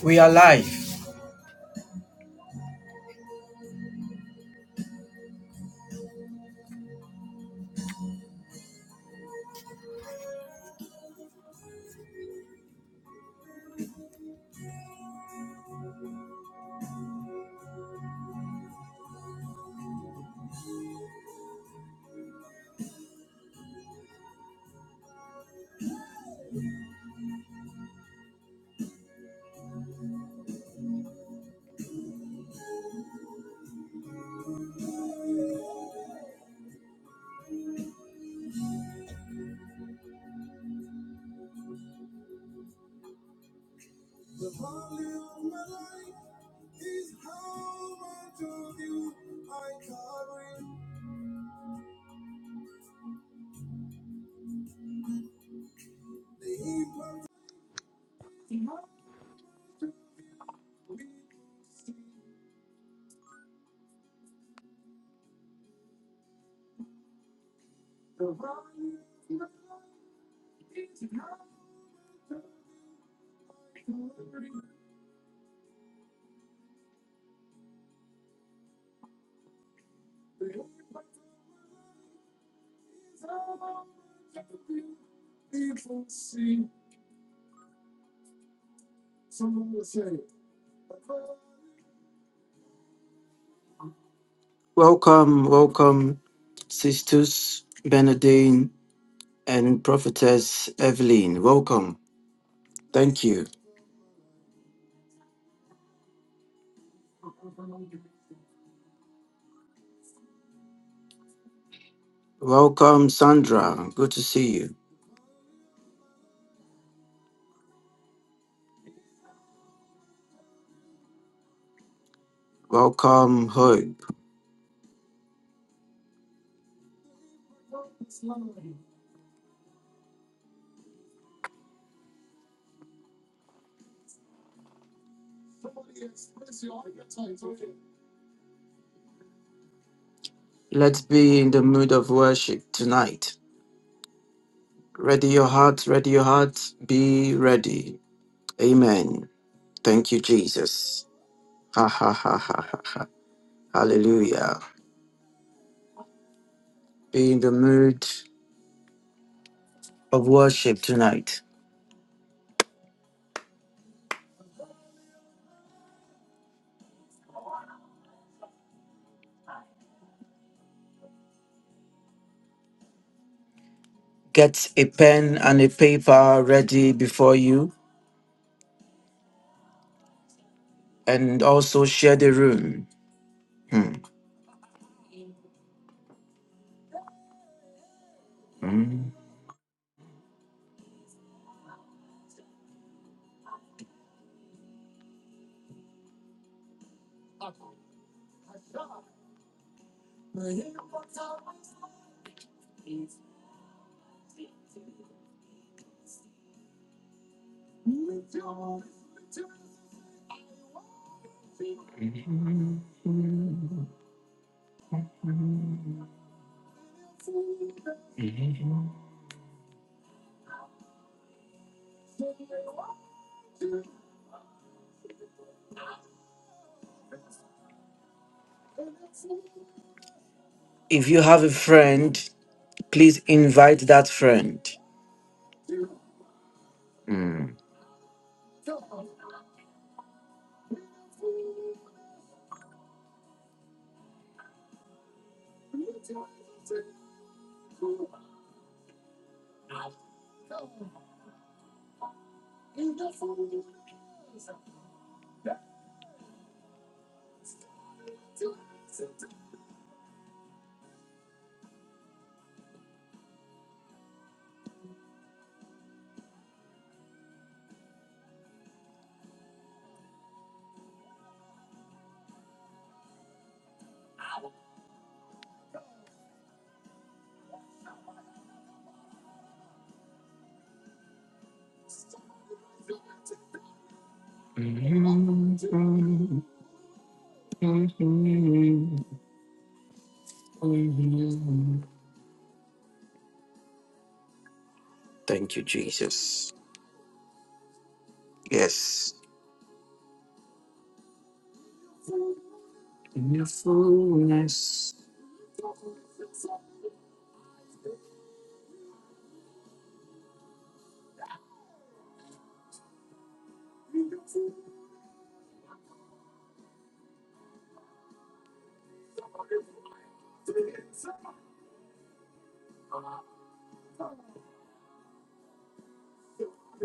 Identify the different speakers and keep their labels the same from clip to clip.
Speaker 1: We are live. Welcome, welcome, Sisters Benedine and Prophetess Evelyn. Welcome. Thank you. Welcome, Sandra. Good to see you. Welcome, Hope. Let's be in the mood of worship tonight. Ready your heart, ready your heart, be ready. Amen. Thank you, Jesus. Ha ha ha ha ha. ha. Hallelujah. Be in the mood of worship tonight. Get a pen and a paper ready before you and also share the room. Hmm. If you have a friend, please invite that friend. Hmm. Mhm. Thank you, Jesus. Yes.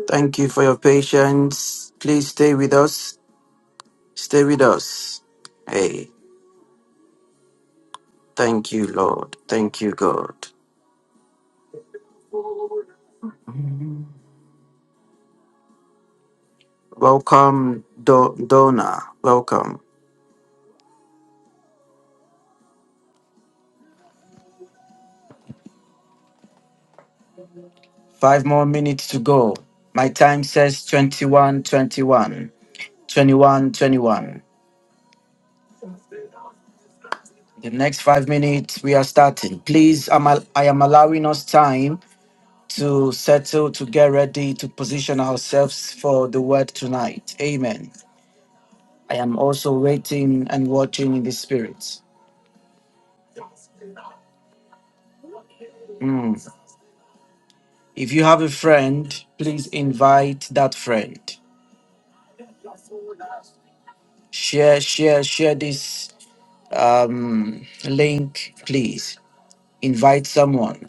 Speaker 1: Thank you for your patience. Please stay with us. Stay with us. Hey, thank you, Lord. Thank you, God. Welcome, Do- Donna. Welcome. Five more minutes to go. My time says 21, 21. 21, 21. the next five minutes we are starting please I'm al- i am allowing us time to settle to get ready to position ourselves for the word tonight amen i am also waiting and watching in the spirit Mm. If you have a friend, please invite that friend. Share, share, share this um, link, please. Invite someone.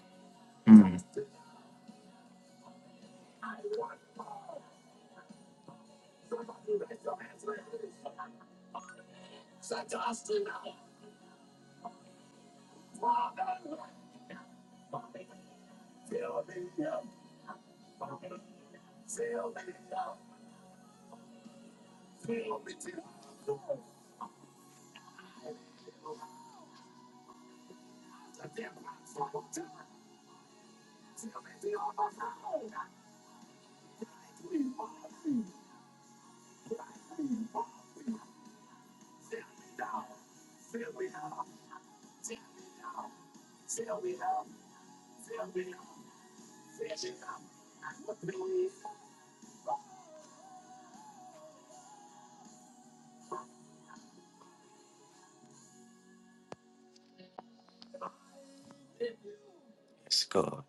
Speaker 1: Yes, God.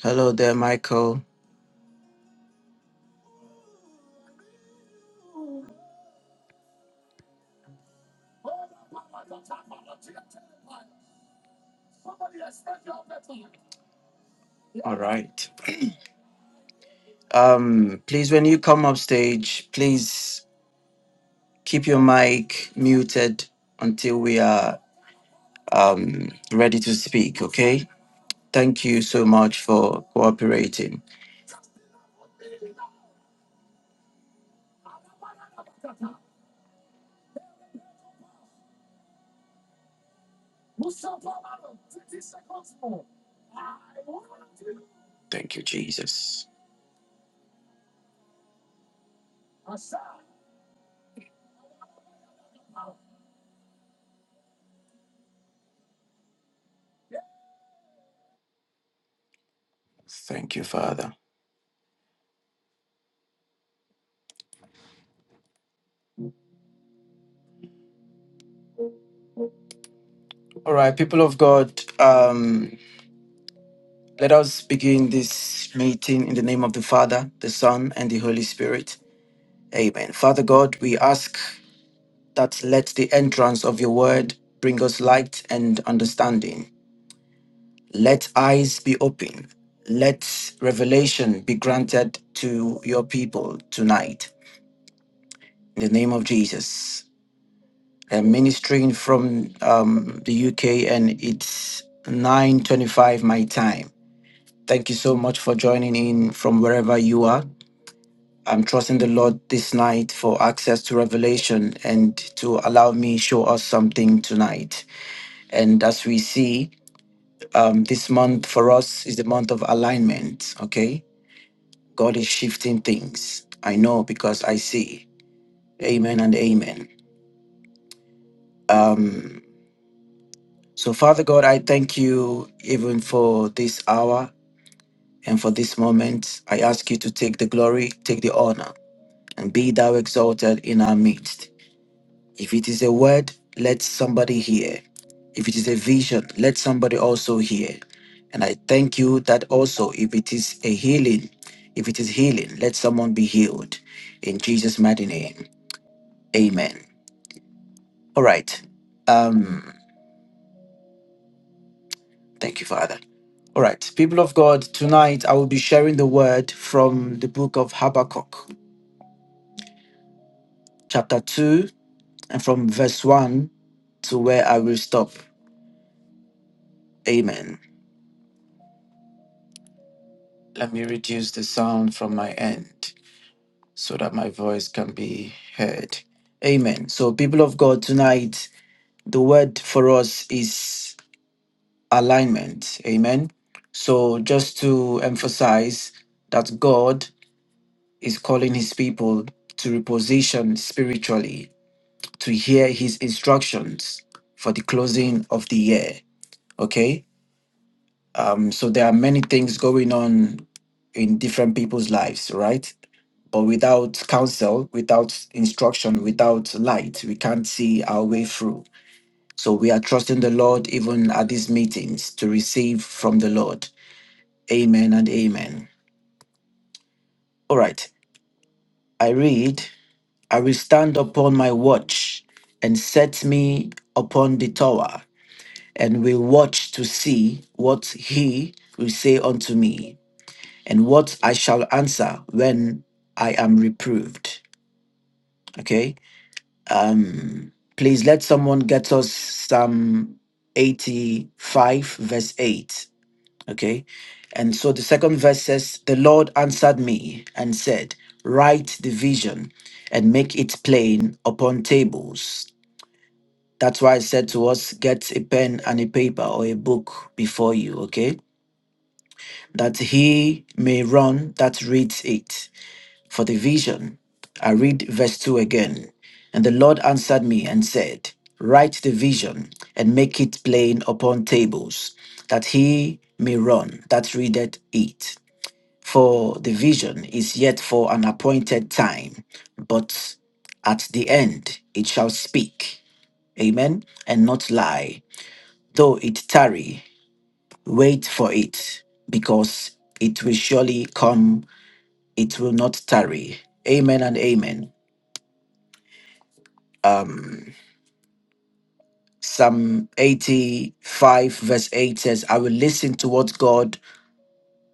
Speaker 1: Hello there, Michael. All right. Um, please, when you come up stage, please keep your mic muted until we are um, ready to speak, okay? Thank you so much for cooperating. Thank you, Jesus. Thank you, Father. All right, people of God, um, let us begin this meeting in the name of the Father, the Son, and the Holy Spirit. Amen. Father God, we ask that let the entrance of your word bring us light and understanding. Let eyes be open. Let revelation be granted to your people tonight. In the name of Jesus. I'm ministering from um, the UK and it's 9.25 my time. Thank you so much for joining in from wherever you are. I'm trusting the Lord this night for access to revelation and to allow me show us something tonight. And as we see, um, this month for us is the month of alignment. Okay, God is shifting things. I know because I see. Amen and amen. Um, so, Father God, I thank you even for this hour and for this moment. I ask you to take the glory, take the honor, and be thou exalted in our midst. If it is a word, let somebody hear. If it is a vision, let somebody also hear. And I thank you that also, if it is a healing, if it is healing, let someone be healed. In Jesus' mighty name, amen. All right. Um, thank you, Father. All right, people of God, tonight I will be sharing the word from the book of Habakkuk, chapter 2, and from verse 1 to where I will stop. Amen. Let me reduce the sound from my end so that my voice can be heard. Amen. So, people of God, tonight the word for us is alignment. Amen. So, just to emphasize that God is calling his people to reposition spiritually to hear his instructions for the closing of the year okay um so there are many things going on in different people's lives right but without counsel without instruction without light we can't see our way through so we are trusting the lord even at these meetings to receive from the lord amen and amen all right i read I will stand upon my watch and set me upon the tower, and will watch to see what he will say unto me, and what I shall answer when I am reproved. Okay. Um, please let someone get us Psalm 85, verse 8. Okay. And so the second verse says, The Lord answered me and said, Write the vision and make it plain upon tables That's why I said to us, get a pen and a paper or a book before you, okay? That he may run that reads it. For the vision, I read verse 2 again. And the Lord answered me and said, Write the vision and make it plain upon tables, that he may run that readeth it. For the vision is yet for an appointed time, but at the end it shall speak, amen, and not lie. Though it tarry, wait for it, because it will surely come, it will not tarry. Amen and amen. Um, Psalm 85, verse 8 says, I will listen to what God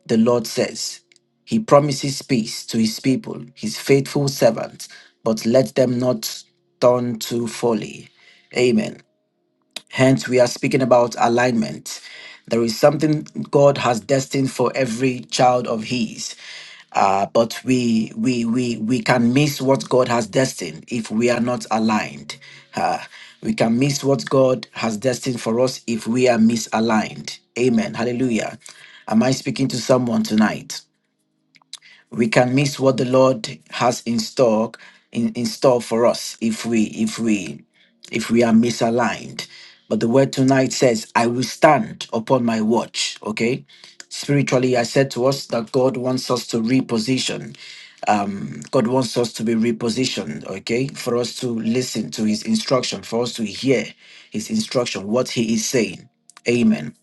Speaker 1: the Lord says. He promises peace to his people, his faithful servant, but let them not turn to folly. Amen. Hence, we are speaking about alignment. There is something God has destined for every child of His. Uh, but we we we we can miss what God has destined if we are not aligned. Uh, we can miss what God has destined for us if we are misaligned. Amen. Hallelujah. Am I speaking to someone tonight? we can miss what the Lord has in stock in, in store for us if we if we if we are misaligned. But the word tonight says, I will stand upon my watch. Okay. Spiritually, I said to us that God wants us to reposition. Um, God wants us to be repositioned, okay, for us to listen to his instruction, for us to hear his instruction, what he is saying. Amen.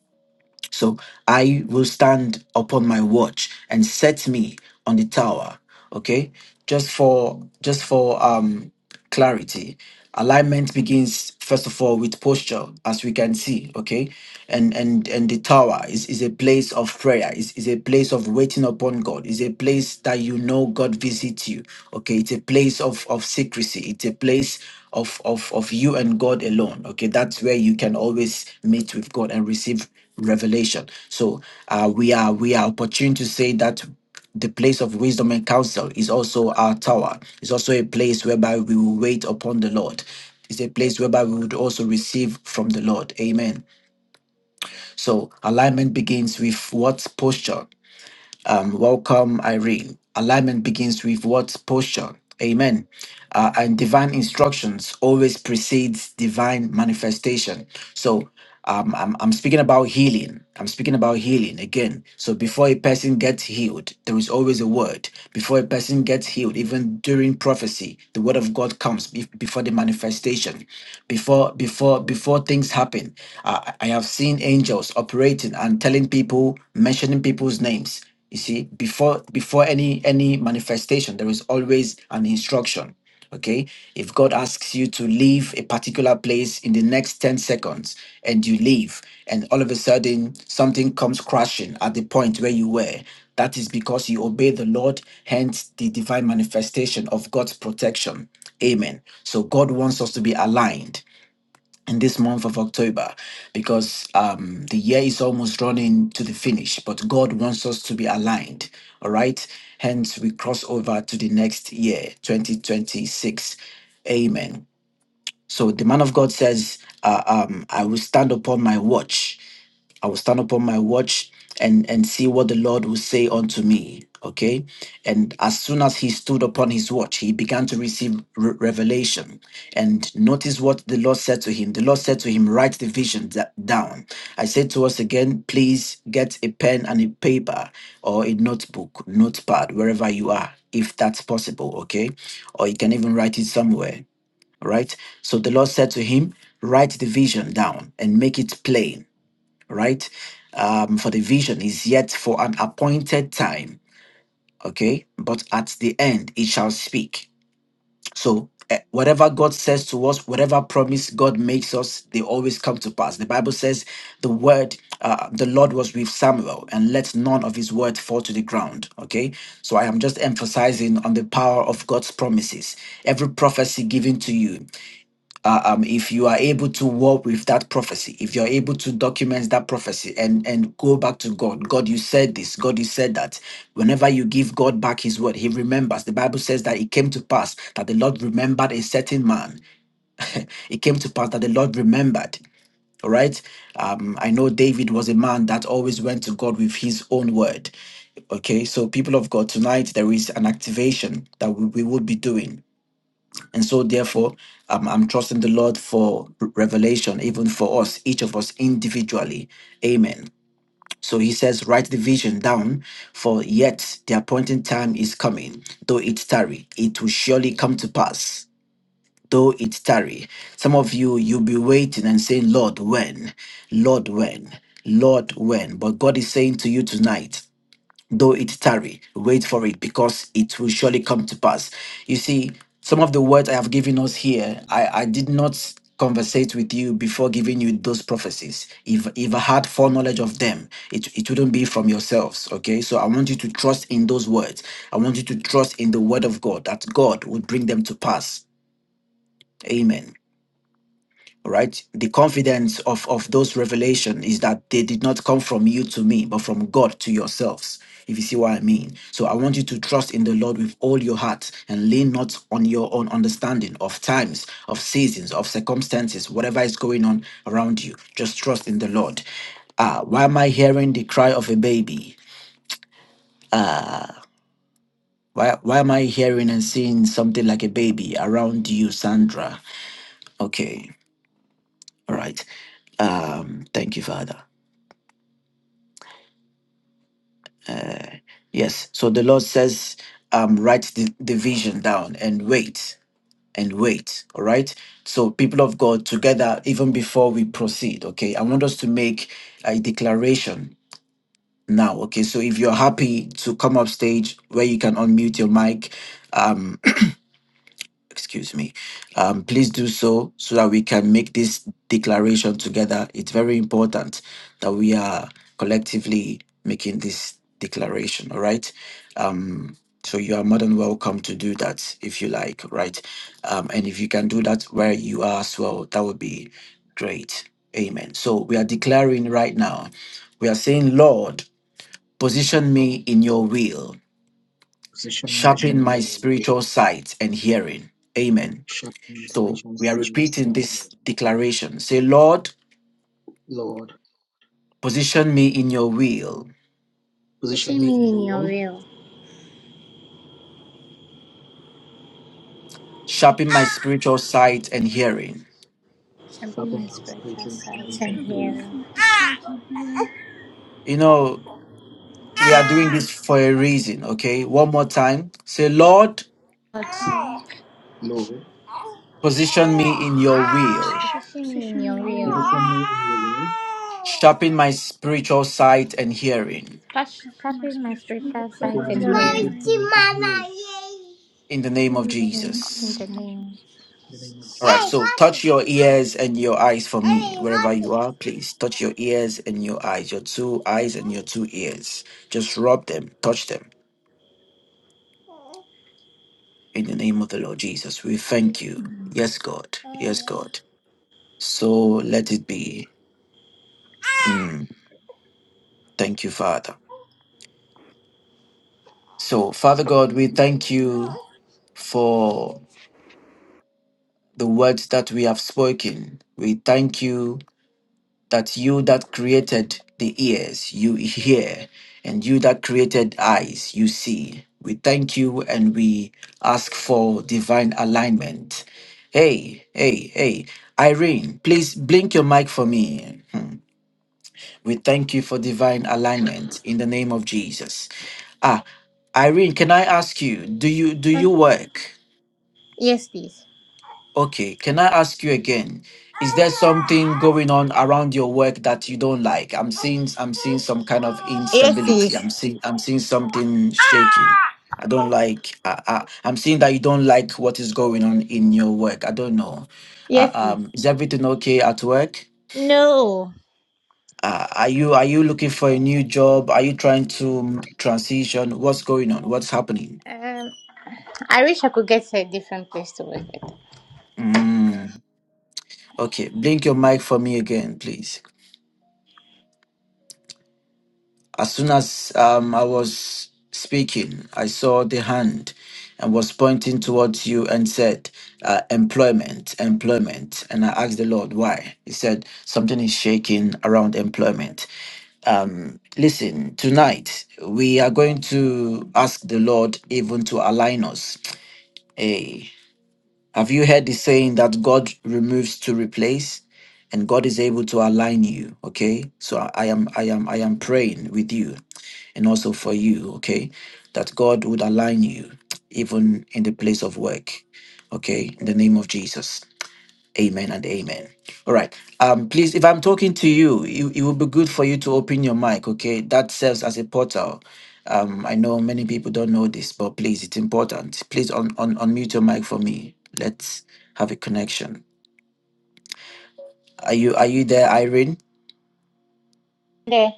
Speaker 1: So I will stand upon my watch and set me on the tower. Okay, just for just for um clarity, alignment begins first of all with posture, as we can see. Okay, and and and the tower is is a place of prayer. Is is a place of waiting upon God. Is a place that you know God visits you. Okay, it's a place of of secrecy. It's a place of of of you and God alone. Okay, that's where you can always meet with God and receive revelation. So uh, we are we are opportune to say that the place of wisdom and counsel is also our tower. It's also a place whereby we will wait upon the Lord. It's a place whereby we would also receive from the Lord. Amen. So alignment begins with what posture um, welcome, Irene. Alignment begins with what posture? Amen. Uh, and divine instructions always precedes divine manifestation. So um, I'm, I'm speaking about healing. I'm speaking about healing again. So before a person gets healed, there is always a word. Before a person gets healed, even during prophecy, the word of God comes be- before the manifestation. Before before before things happen, uh, I I have seen angels operating and telling people, mentioning people's names. You see, before before any any manifestation, there is always an instruction. Okay, if God asks you to leave a particular place in the next 10 seconds and you leave, and all of a sudden something comes crashing at the point where you were, that is because you obey the Lord, hence the divine manifestation of God's protection. Amen. So God wants us to be aligned in this month of October because um, the year is almost running to the finish, but God wants us to be aligned. All right. Hence, we cross over to the next year, 2026. Amen. So the man of God says, uh, um, I will stand upon my watch I will stand upon my watch and and see what the Lord will say unto me. Okay, and as soon as he stood upon his watch, he began to receive re- revelation. And notice what the Lord said to him. The Lord said to him, "Write the vision da- down." I said to us again, please get a pen and a paper or a notebook, notepad, wherever you are, if that's possible. Okay, or you can even write it somewhere. All right. So the Lord said to him, "Write the vision down and make it plain." right? Um, for the vision is yet for an appointed time, okay? But at the end, it shall speak. So, eh, whatever God says to us, whatever promise God makes us, they always come to pass. The Bible says, The word, uh, the Lord was with Samuel, and let none of his word fall to the ground, okay? So, I am just emphasizing on the power of God's promises. Every prophecy given to you, uh, um, if you are able to walk with that prophecy, if you're able to document that prophecy and, and go back to God, God, you said this, God, you said that. Whenever you give God back his word, he remembers. The Bible says that it came to pass that the Lord remembered a certain man. It came to pass that the Lord remembered. All right. Um, I know David was a man that always went to God with his own word. Okay, so people of God, tonight there is an activation that we, we will be doing. And so, therefore, um, I'm trusting the Lord for revelation, even for us, each of us individually. Amen. So he says, Write the vision down, for yet the appointed time is coming. Though it tarry, it will surely come to pass. Though it tarry. Some of you, you'll be waiting and saying, Lord, when? Lord, when? Lord, when? But God is saying to you tonight, Though it tarry, wait for it, because it will surely come to pass. You see, some of the words I have given us here, I, I did not conversate with you before giving you those prophecies. If if I had foreknowledge of them, it, it wouldn't be from yourselves. Okay. So I want you to trust in those words. I want you to trust in the word of God that God would bring them to pass. Amen right the confidence of of those revelation is that they did not come from you to me but from god to yourselves if you see what i mean so i want you to trust in the lord with all your heart and lean not on your own understanding of times of seasons of circumstances whatever is going on around you just trust in the lord ah why am i hearing the cry of a baby why, why am I hearing and seeing something like a baby around you, Sandra? Okay, all right. Um, thank you, Father. Yes. So the Lord says, um, write the, the vision down and wait and wait. All right. So, people of God, together, even before we proceed, okay, I want us to make a declaration now. Okay. So, if you're happy to come up stage where you can unmute your mic, um, excuse me um, please do so so that we can make this declaration together it's very important that we are collectively making this declaration all right um, so you are more than welcome to do that if you like right um, and if you can do that where you are as well that would be great amen so we are declaring right now we are saying lord position me
Speaker 2: Lord,
Speaker 1: in your will
Speaker 2: position me in
Speaker 1: sharpen
Speaker 2: your
Speaker 1: my
Speaker 2: will, Lord.
Speaker 1: spiritual sight and hearing amen
Speaker 2: Shape my
Speaker 1: so
Speaker 2: spiritual
Speaker 1: we are
Speaker 2: sights
Speaker 1: repeating
Speaker 2: and
Speaker 1: this
Speaker 2: ears.
Speaker 1: declaration. Say, Lord,
Speaker 2: Lord,
Speaker 1: position me in your will,
Speaker 2: position
Speaker 3: Pushing
Speaker 2: me in
Speaker 3: me in
Speaker 2: your
Speaker 3: your
Speaker 2: will.
Speaker 3: will.
Speaker 1: sharpen my spiritual sight and hearing.
Speaker 3: Shall be
Speaker 2: Sharpen
Speaker 3: my
Speaker 2: my
Speaker 3: spiritual
Speaker 2: spiritual
Speaker 3: sight
Speaker 2: sights
Speaker 3: and
Speaker 2: and
Speaker 4: Sharpen
Speaker 2: hearing.
Speaker 4: my
Speaker 3: hearing.
Speaker 4: sense for sight and hearing,
Speaker 1: You know, we are doing this for a reason, okay? One more time. Say, Lord,
Speaker 3: Lord,
Speaker 4: Lord.
Speaker 2: Lord,
Speaker 1: position me in your will,
Speaker 3: pushing me in
Speaker 4: Position
Speaker 3: your
Speaker 4: me in
Speaker 3: will.
Speaker 4: your
Speaker 2: position
Speaker 4: way.
Speaker 2: me in your will.
Speaker 1: sharpen my spiritual sight and hearing
Speaker 3: Sash-
Speaker 4: Sharpen
Speaker 3: Shall
Speaker 4: my
Speaker 3: be my
Speaker 4: spiritual
Speaker 3: spiritual sight
Speaker 2: Sharpen
Speaker 3: and
Speaker 2: my
Speaker 4: sight and
Speaker 5: Amen.
Speaker 2: spiritual
Speaker 3: hearing.
Speaker 4: hearing.
Speaker 2: sights and hearing.
Speaker 1: in the name of
Speaker 4: In the
Speaker 3: In
Speaker 1: Jesus.
Speaker 3: the
Speaker 4: name of
Speaker 3: name.
Speaker 4: Jesus.
Speaker 2: In the name of
Speaker 1: All right,
Speaker 3: Hey,
Speaker 2: Jesus.
Speaker 1: so
Speaker 3: hot it.
Speaker 1: touch your ears and your eyes for me,
Speaker 3: Hey,
Speaker 1: wherever
Speaker 3: Hottie!
Speaker 1: you are, please. Touch your ears and your eyes, your two eyes and your two ears. Just rub them, touch them In the name of the Lord Jesus, we thank you.
Speaker 5: Amen.
Speaker 1: Yes, God. Yes, God. So let it be.
Speaker 3: Uh,
Speaker 1: Mm, thank you, Father. So, Father God, we thank you for the words that we have spoken. We thank you that you that created the ears, you hear, and you that created eyes, you see. We thank you and we ask for divine alignment. Hey, hey, hey. Irene, please blink your mic for me. Hmm. We thank you for divine alignment in the name of Jesus. Ah, Irene, can I ask you, do you do you work?
Speaker 3: Yes, please.
Speaker 1: Okay, can I ask you again? Is there something going on around your work that you don't like? I'm seeing I'm seeing some kind of
Speaker 3: Yes,
Speaker 1: instability.
Speaker 3: sis.
Speaker 1: I'm seeing I'm seeing something shaking. I don't like uh, uh, I'm seeing that you don't like what is going on in your work. I don't know. Uh,
Speaker 3: Yes, sis.
Speaker 1: um, is everything okay at work?
Speaker 3: No.
Speaker 1: Uh, are you are you looking for a new job? Are you trying to transition? What's going on? What's happening?
Speaker 3: Um, I wish I could get a different place to work with.
Speaker 1: Mm, okay, blink your mic for me again, please. As soon as um, I was speaking, I saw the hand and was pointing towards you and said, uh, "Employment, employment." And I asked the Lord why. He said something is shaking around employment. Um, listen, tonight we are going to ask the Lord even to align us. Hey, Have you heard the saying that God removes to replace and God is able to align you? Okay. So I I am I am I am praying with you and also for you, okay, that God would align you even in the place of work. Okay, in the name of Jesus. Amen and amen. All right. Um, please, if I'm talking to you, it, it would be good for you to open your mic, okay? That serves as a portal. Um, I know many people don't know this, but please, it's important. Please un, un, unmute your mic for me. Let's have a connection. Are you are you there, Irene?
Speaker 3: There.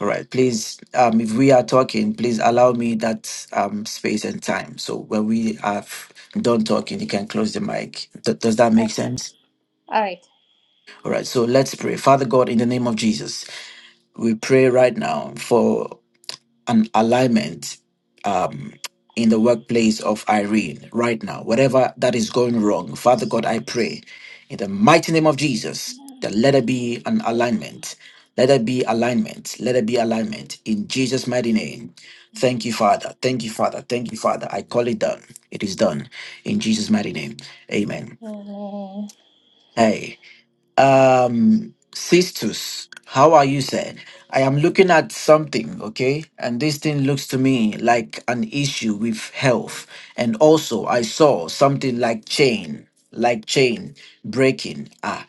Speaker 1: All right, please, um, if we are talking, please allow me that um space and time. So when we have done talking, you can close the mic. Th- does that make
Speaker 3: Okay.
Speaker 1: sense?
Speaker 3: All right.
Speaker 1: All right, so let's pray. Father God, in the name of Jesus. we pray right now for an alignment um, in the workplace of Irene right now. Whatever that is going wrong, Father God,
Speaker 3: So,
Speaker 1: I pray in the mighty name of Jesus that let there be an alignment. Let there be alignment. Let there be alignment in Jesus' mighty name. Thank you,
Speaker 3: let's
Speaker 1: Father. Thank you, Father. Thank you, Father. I call it done. It is done in Jesus' mighty name. Amen.
Speaker 3: see.
Speaker 1: Hey. Um, Sistus, how are you, sir? I am looking at something, okay? And this thing looks to me like an issue with health. And also, I saw something like chain, like chain breaking. Ah,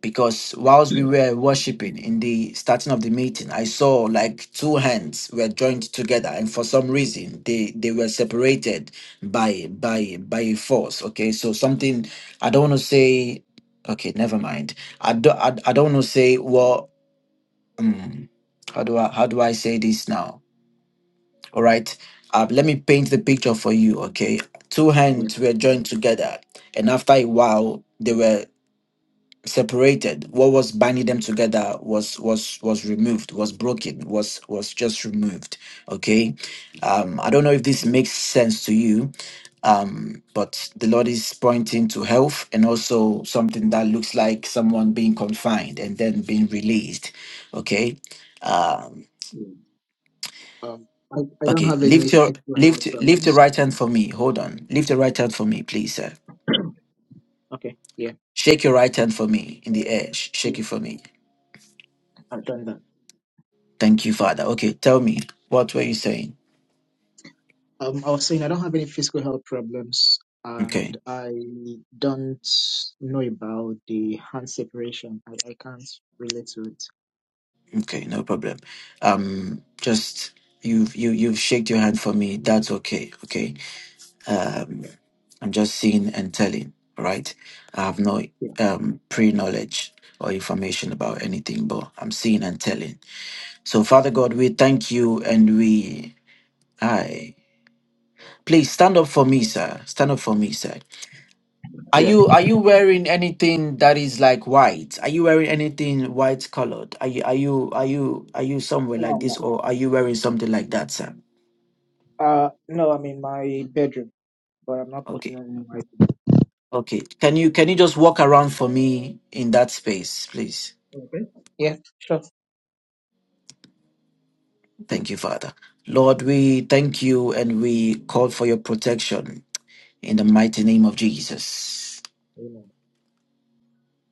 Speaker 1: because whilst we were worshiping in the starting of the meeting, I saw like two hands were joined together, and for some reason they they were separated by by by a force. Okay, so something I don't want to say. Okay, never mind. I do, I, I don't want to say well. Um, how do I how do I say this now? All right. Uh, let me paint the picture for you. Okay, two
Speaker 2: Yeah,
Speaker 1: hands were joined together, and after a while, they were separated what was binding them together was was was removed was broken was was just removed okay um i don't know if this
Speaker 2: yeah,
Speaker 1: makes sense to you um but the lord is pointing to health and also something that looks like someone being confined and then being released okay um
Speaker 2: yeah. Um, I, I don't
Speaker 1: okay
Speaker 2: have any
Speaker 1: lift your
Speaker 2: physical health
Speaker 1: lift lift your
Speaker 2: problems.
Speaker 1: right hand for me hold on lift your right hand for me please sir
Speaker 2: Okay, yeah,
Speaker 1: shake your right hand for me in the air Sh-
Speaker 2: yeah,
Speaker 1: shake it for me
Speaker 2: I've done that.
Speaker 1: Thank you, Father. Okay, tell me, what were you saying?
Speaker 2: Um, I was saying I don't have any physical health problems, and
Speaker 1: Okay,
Speaker 2: I don't know about the hand separation. I, I can't relate to it.
Speaker 1: okay, no problem. Um, just you've you you've shaked your hand for me. That's okay. Okay. Um,
Speaker 2: Yeah,
Speaker 1: I'm just seeing and telling. All right. I have no
Speaker 2: yeah,
Speaker 1: um pre-knowledge or information about anything, but I'm seeing and telling. So, Father God, we thank you and we I please stand up for me, sir. Stand up for me, sir. Are
Speaker 2: yeah.
Speaker 1: you are you wearing anything that is like white? Are you wearing anything white colored? Are you are you are you are you somewhere
Speaker 2: No,
Speaker 1: like
Speaker 2: I'm
Speaker 1: this
Speaker 2: not.
Speaker 1: or are you wearing something like that, sir?
Speaker 2: Uh, no, I'm in my bedroom, but I'm not putting
Speaker 1: Okay.
Speaker 2: on any white.
Speaker 1: Okay. Can you can you just walk around for me in that space, please?
Speaker 2: Okay. Yeah, sure.
Speaker 1: Thank you, Father. Lord, we thank you and we call for your protection in the mighty name of Jesus.
Speaker 2: Amen.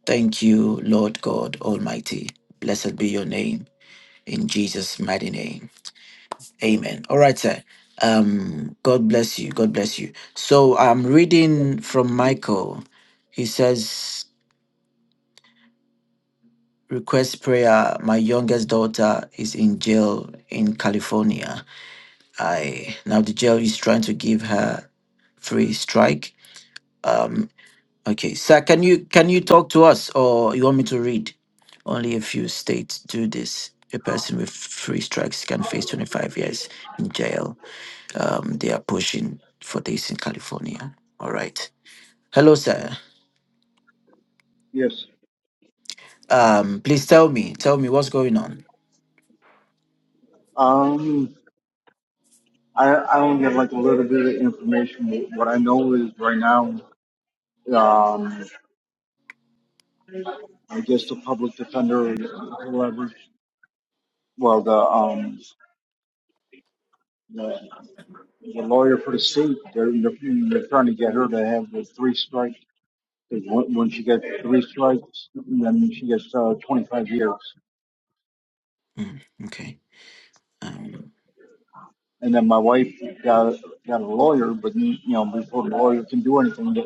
Speaker 1: Thank you, Lord God Almighty. Blessed be your name in Jesus' mighty name.
Speaker 2: Amen.
Speaker 1: Amen. All right, sir. Um, God bless you. God bless you. So I'm reading from Michael. He says, Request prayer. My youngest daughter is in jail in California. I now the jail is trying to give her free strike. Um, okay, sir, can you can you talk to us or you want me to read? Only a few states do this. A person with free strikes can face 25 years in jail um, they are pushing for this in California. All right. Hello, sir.
Speaker 6: Yes.
Speaker 1: Um, please tell me, tell me what's going on.
Speaker 6: Um, I, I only have like a little bit of information. What I know is right now, um, I guess the public defender, whoever, well, the, um, the, the lawyer for the state, they're, they're they're trying to get her to have the three strikes. Because when, when she gets three strikes, then she gets uh, 25 years.
Speaker 1: Mm, okay. Um,
Speaker 6: And then my wife got got a lawyer, but you know, before the lawyer can do anything, they,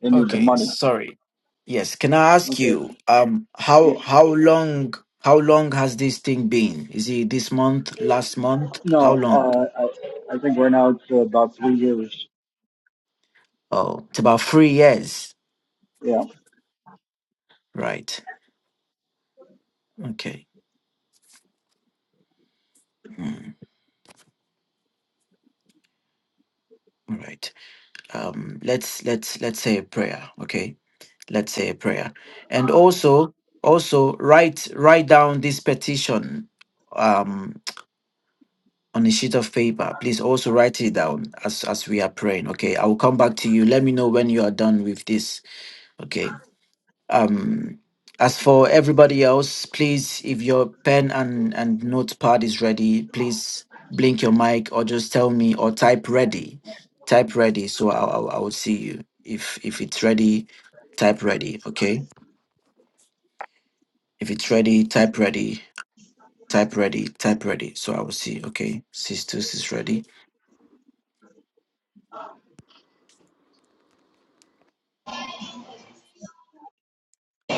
Speaker 6: they need the
Speaker 1: okay.
Speaker 6: money.
Speaker 1: Sorry. Yes. Can I ask
Speaker 6: Okay.
Speaker 1: you, um, how
Speaker 6: Yeah.
Speaker 1: how long how long has this thing been? Is it this month? Last month? How
Speaker 6: No,
Speaker 1: long?
Speaker 6: uh, I, I think are now to about three years.
Speaker 1: Oh, it's about three years.
Speaker 6: Yeah.
Speaker 1: Right. Okay. All right. Um, let's let's let's say a prayer. Okay let's say a prayer and also also write write down this petition um on a sheet of paper please also write it down as as we are praying okay i will come back to you let me know when you are done with this okay um as for everybody else please if your pen and and notepad is ready please blink your mic or just tell me or type ready type ready so i i, I will see you if if it's ready type ready okay If it's ready, type ready, type ready, type ready. So I will see. Okay, Sistus is ready.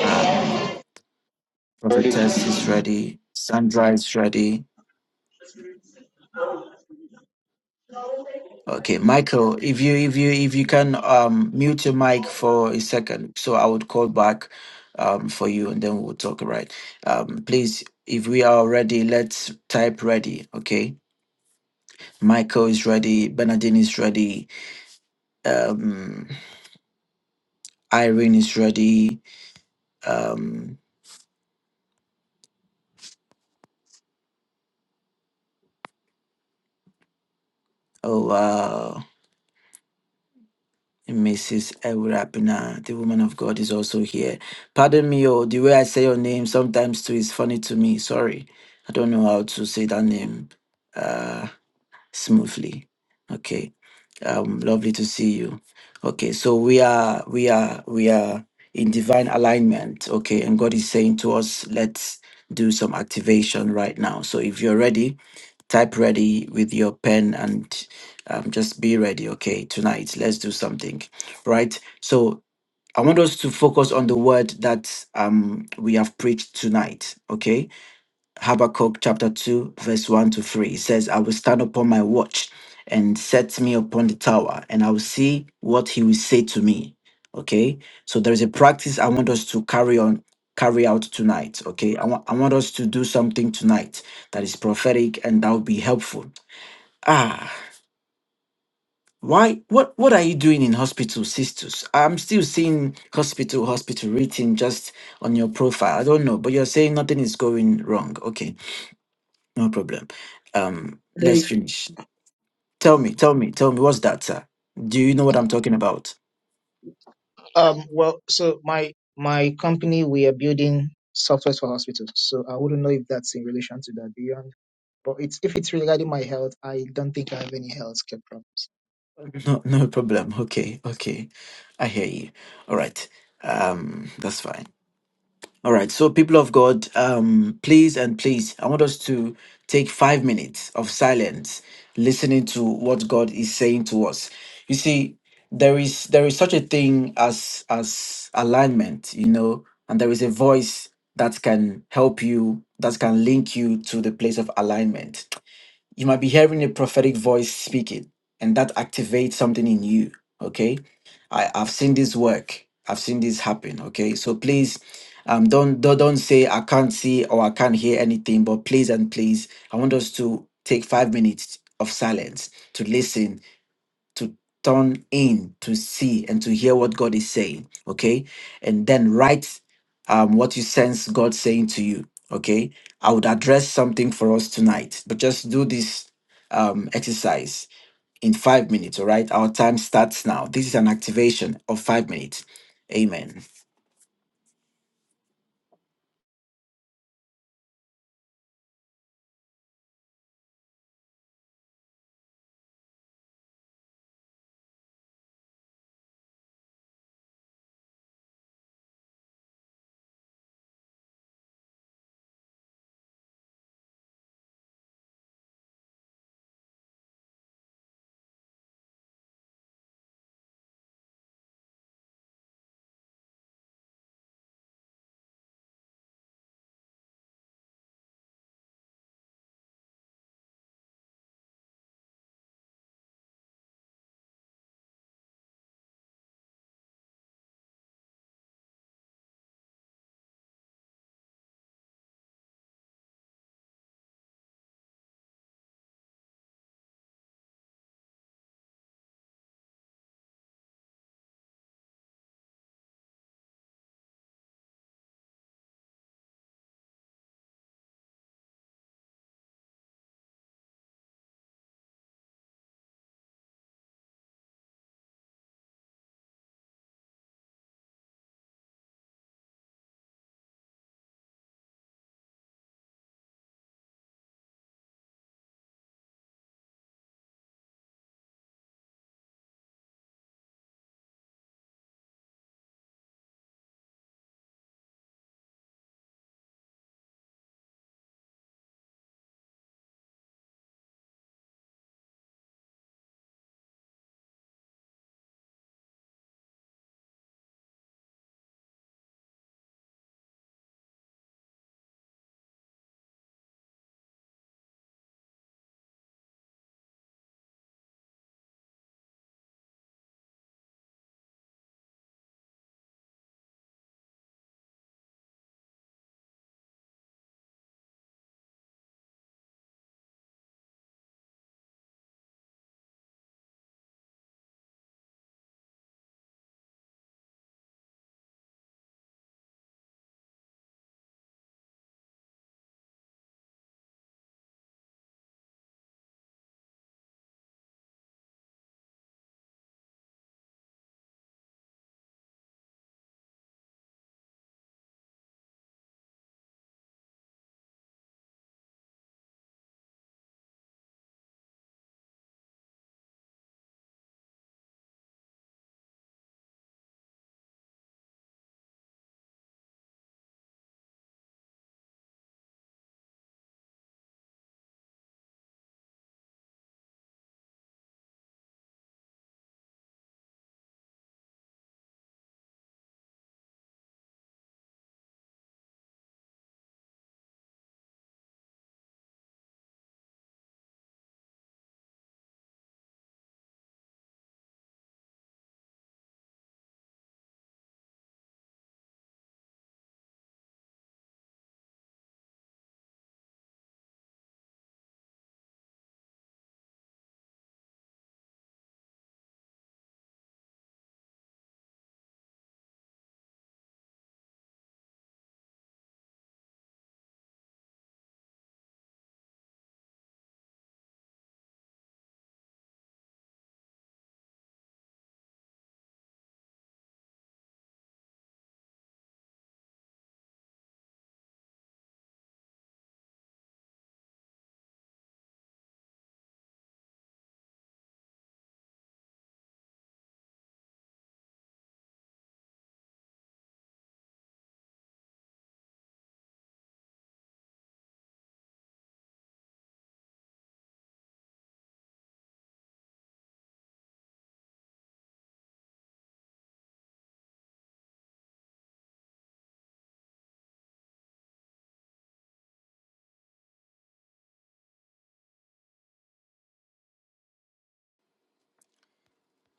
Speaker 1: Um, Prophetess is ready. Sandra is ready. Okay, Michael, if you if you if you can um mute your mic for a second, so I would call back um for you and then we'll talk. All right. Um, please, if we are ready, let's type ready. Okay, Michael is ready. Bernadine is ready. Um, Irene is ready. Um, oh wow. Mrs. Ewrapina, the woman of God, is also here. Pardon me, oh, the way I say your name sometimes too is funny to me. Sorry. I don't know how to say that name uh, smoothly. Okay. Um, lovely to see you. Okay, so we are we are we are in divine alignment. Okay, and God is saying to us, let's do some activation right now. So if you're ready, Type ready with your pen and um, just be ready. Okay, tonight let's do something, right? So I want us to focus on the word that um, we have preached tonight. Okay, Habakkuk chapter 2, verse 1 to 3. It says, I will stand upon my watch and set me upon the tower, and I will see what he will say to me. Okay. So there is a practice I want us to carry on, carry out tonight. Okay. I, want I want us to do something tonight that is prophetic and that will be helpful. Ah, why what what are you doing in hospital, sisters? I'm still seeing hospital, hospital written just on your profile. I don't know, but you're saying nothing is going wrong. Okay. No problem. Um, let's
Speaker 2: Very-
Speaker 1: finish. Tell me, tell me, tell me, what's that, sir? Do you know what I'm talking about?
Speaker 2: Um. Well, so my my company we are building software for hospitals, so I wouldn't know if that's in relation to that beyond. But it's if it's regarding my health, I don't think I have any health care problems.
Speaker 1: No, no problem. Okay, okay. I hear you. All right. Um, that's fine. All right, so people of God, um, please and please, I want us to take five minutes of silence, listening to what God is saying to us. You see, there is there is such a thing as as alignment, you know, and there is a voice that can help you, that can link you to the place of alignment. You might be hearing a prophetic voice speaking, and that activates something in you. Okay, I, I've seen this work. I've seen this happen. Okay, so please, um, don't don't don't say I can't see or I can't hear anything. But please and please, I want us to take five minutes of silence to listen to turn in to see and to hear what God is saying, okay? And then write um, what you sense God saying to you, okay? I would address something for us tonight, but just do this um, exercise in five minutes, all right? Our time starts now. This is an activation of five minutes. Amen.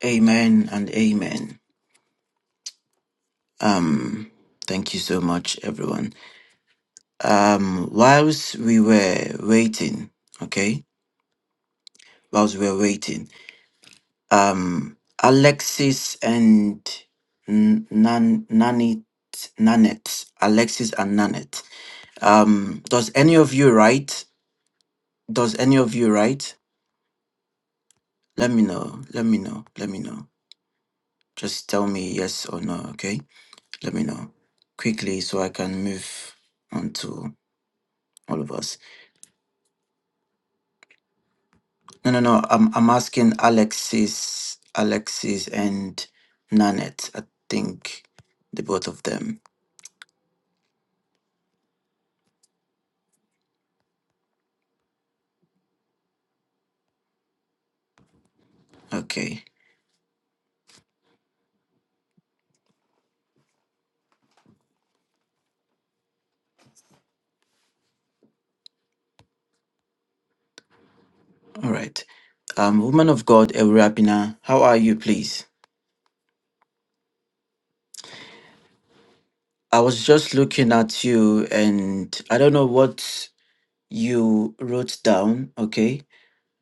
Speaker 1: Amen and amen. Um, thank you so much, everyone. Um, whilst we were waiting, okay? Whilst we were waiting, um, Alexis and N- Nan- Nanit, Nanette. Alexis and Nanette. Um, does any of you write? Does any of you write? Let me know. Let me know. Let me know. Just tell me yes or no, okay? Let me know quickly so I can move on to all of us. No, no, no. I'm, I'm asking Alexis, Alexis and Nanette. I think the both of them. Okay. All right. Um, woman of God, Eurapina, how are you, please? I was just looking at you and I don't know what you wrote down, okay?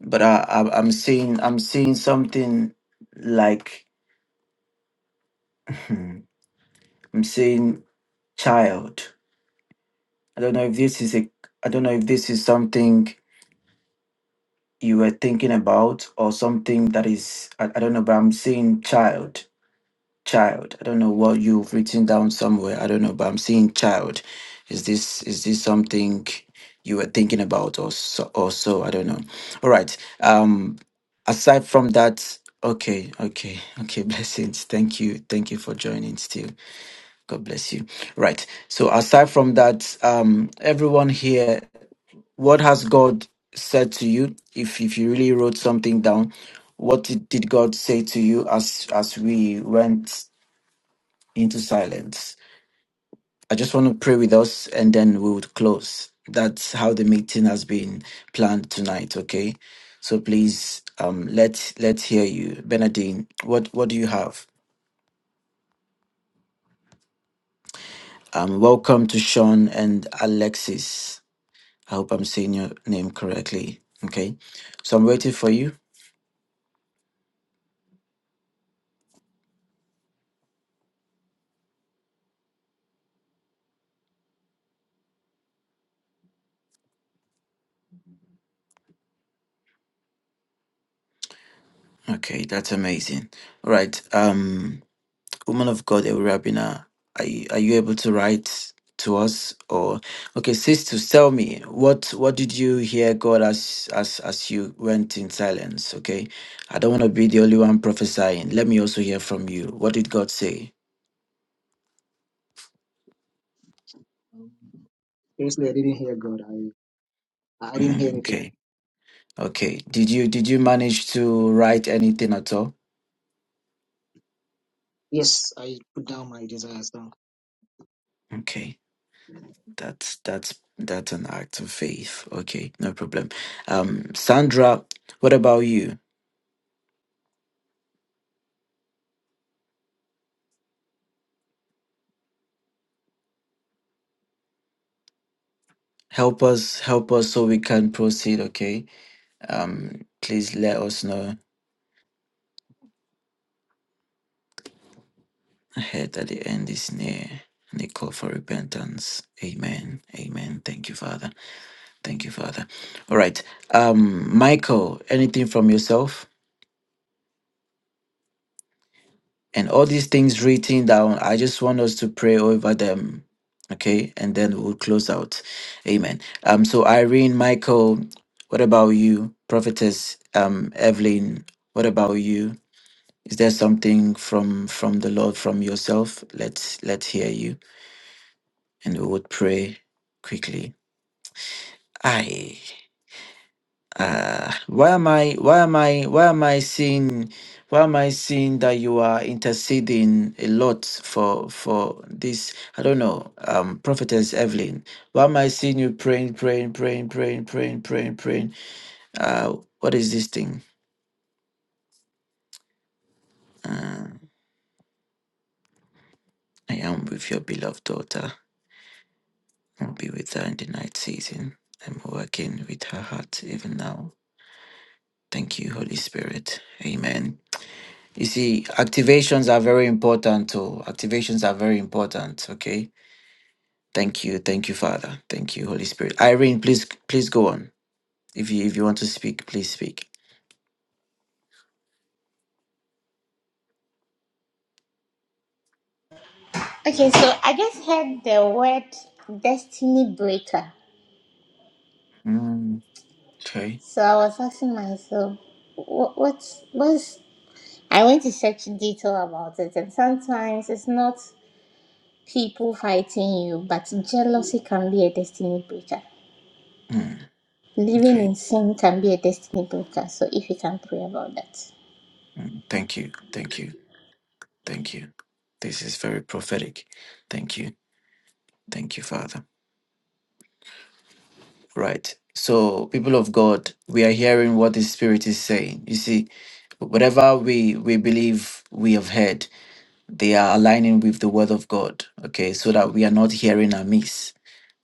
Speaker 1: But I, I I'm seeing I'm seeing something like I'm seeing child. I don't know if this is a I don't know if this is something you were thinking about or something that is I, I don't know, but I'm seeing child. child. I don't know what you've written down somewhere. I don't know, but I'm seeing child. Is this is this something you were thinking about or so, or so? I don't know. All right. Um aside from that, okay, okay, okay, blessings. Thank you. Thank you for joining still. God bless you. Right. So aside from that, um everyone here, what has God said to you? If if you really wrote something down, what did, did God say to you as as we went into silence. I just want to pray with us and then we would close. That's how the meeting has been planned tonight, okay? So please um let let's hear you. Benadine, what what do you have? Um welcome to Sean and Alexis. I hope I'm saying your name correctly. Okay. So I'm waiting for you. Okay, that's amazing. All right. Um woman of God, Eurabina, are you, are you able to write to us or okay, sisters, tell me what what did you hear God as as as you went in silence? Okay, I don't want to be the only one prophesying. Let me also hear from you. What did God say?
Speaker 2: Seriously, I didn't hear God. I I didn't hear
Speaker 1: Mm,
Speaker 2: anything.
Speaker 1: okay, okay. Did you did you manage to write anything at all?
Speaker 2: Yes, I put down my desires now.
Speaker 1: Okay, that's that's that's an act of faith. Okay, no problem. Um, Sandra, what about you? help us help us so we can proceed okay um please let us know ahead that the end is near and the call for repentance amen amen thank you father thank you father all right um michael anything from yourself and all these things written down i just want us to pray over them okay and then we'll close out amen um so irene michael what about you prophetess um evelyn what about you Is there something from from the Lord from yourself? Let's let's hear you, and we would pray quickly. I uh, why am I why am I why am I seeing why am I seeing that you are interceding a lot for for this? I don't know, um, prophetess Evelyn. Why am I seeing you praying, praying, praying, praying, praying, praying, praying? Uh, what is this thing? Uh, I am with your beloved daughter. I'll be with her in the night season. I'm working with her heart even now. Thank you, Holy Spirit. Amen. You see, activations are very important too. Activations are very important. Okay. Thank you. Thank you, Father. Thank you, Holy Spirit. Irene, please please go on. If you if you want to speak, please speak.
Speaker 3: Okay, so I just heard the word destiny breaker.
Speaker 1: Mm, okay.
Speaker 3: So I was asking myself, what, what's, what's, I went to search detail about it, and sometimes it's not. people fighting you, but jealousy can be a destiny breaker.
Speaker 1: Mm,
Speaker 3: Living
Speaker 1: okay.
Speaker 3: in sin can be a destiny breaker. So if you can pray about that.
Speaker 1: Mm, thank you. Thank you. Thank you. This is very prophetic. Thank you. Thank you, Father. Right. So, people of God, we are hearing what the Spirit is saying. You see, whatever we we believe we have heard, they are aligning with the Word of God. Okay, so that we are not hearing amiss.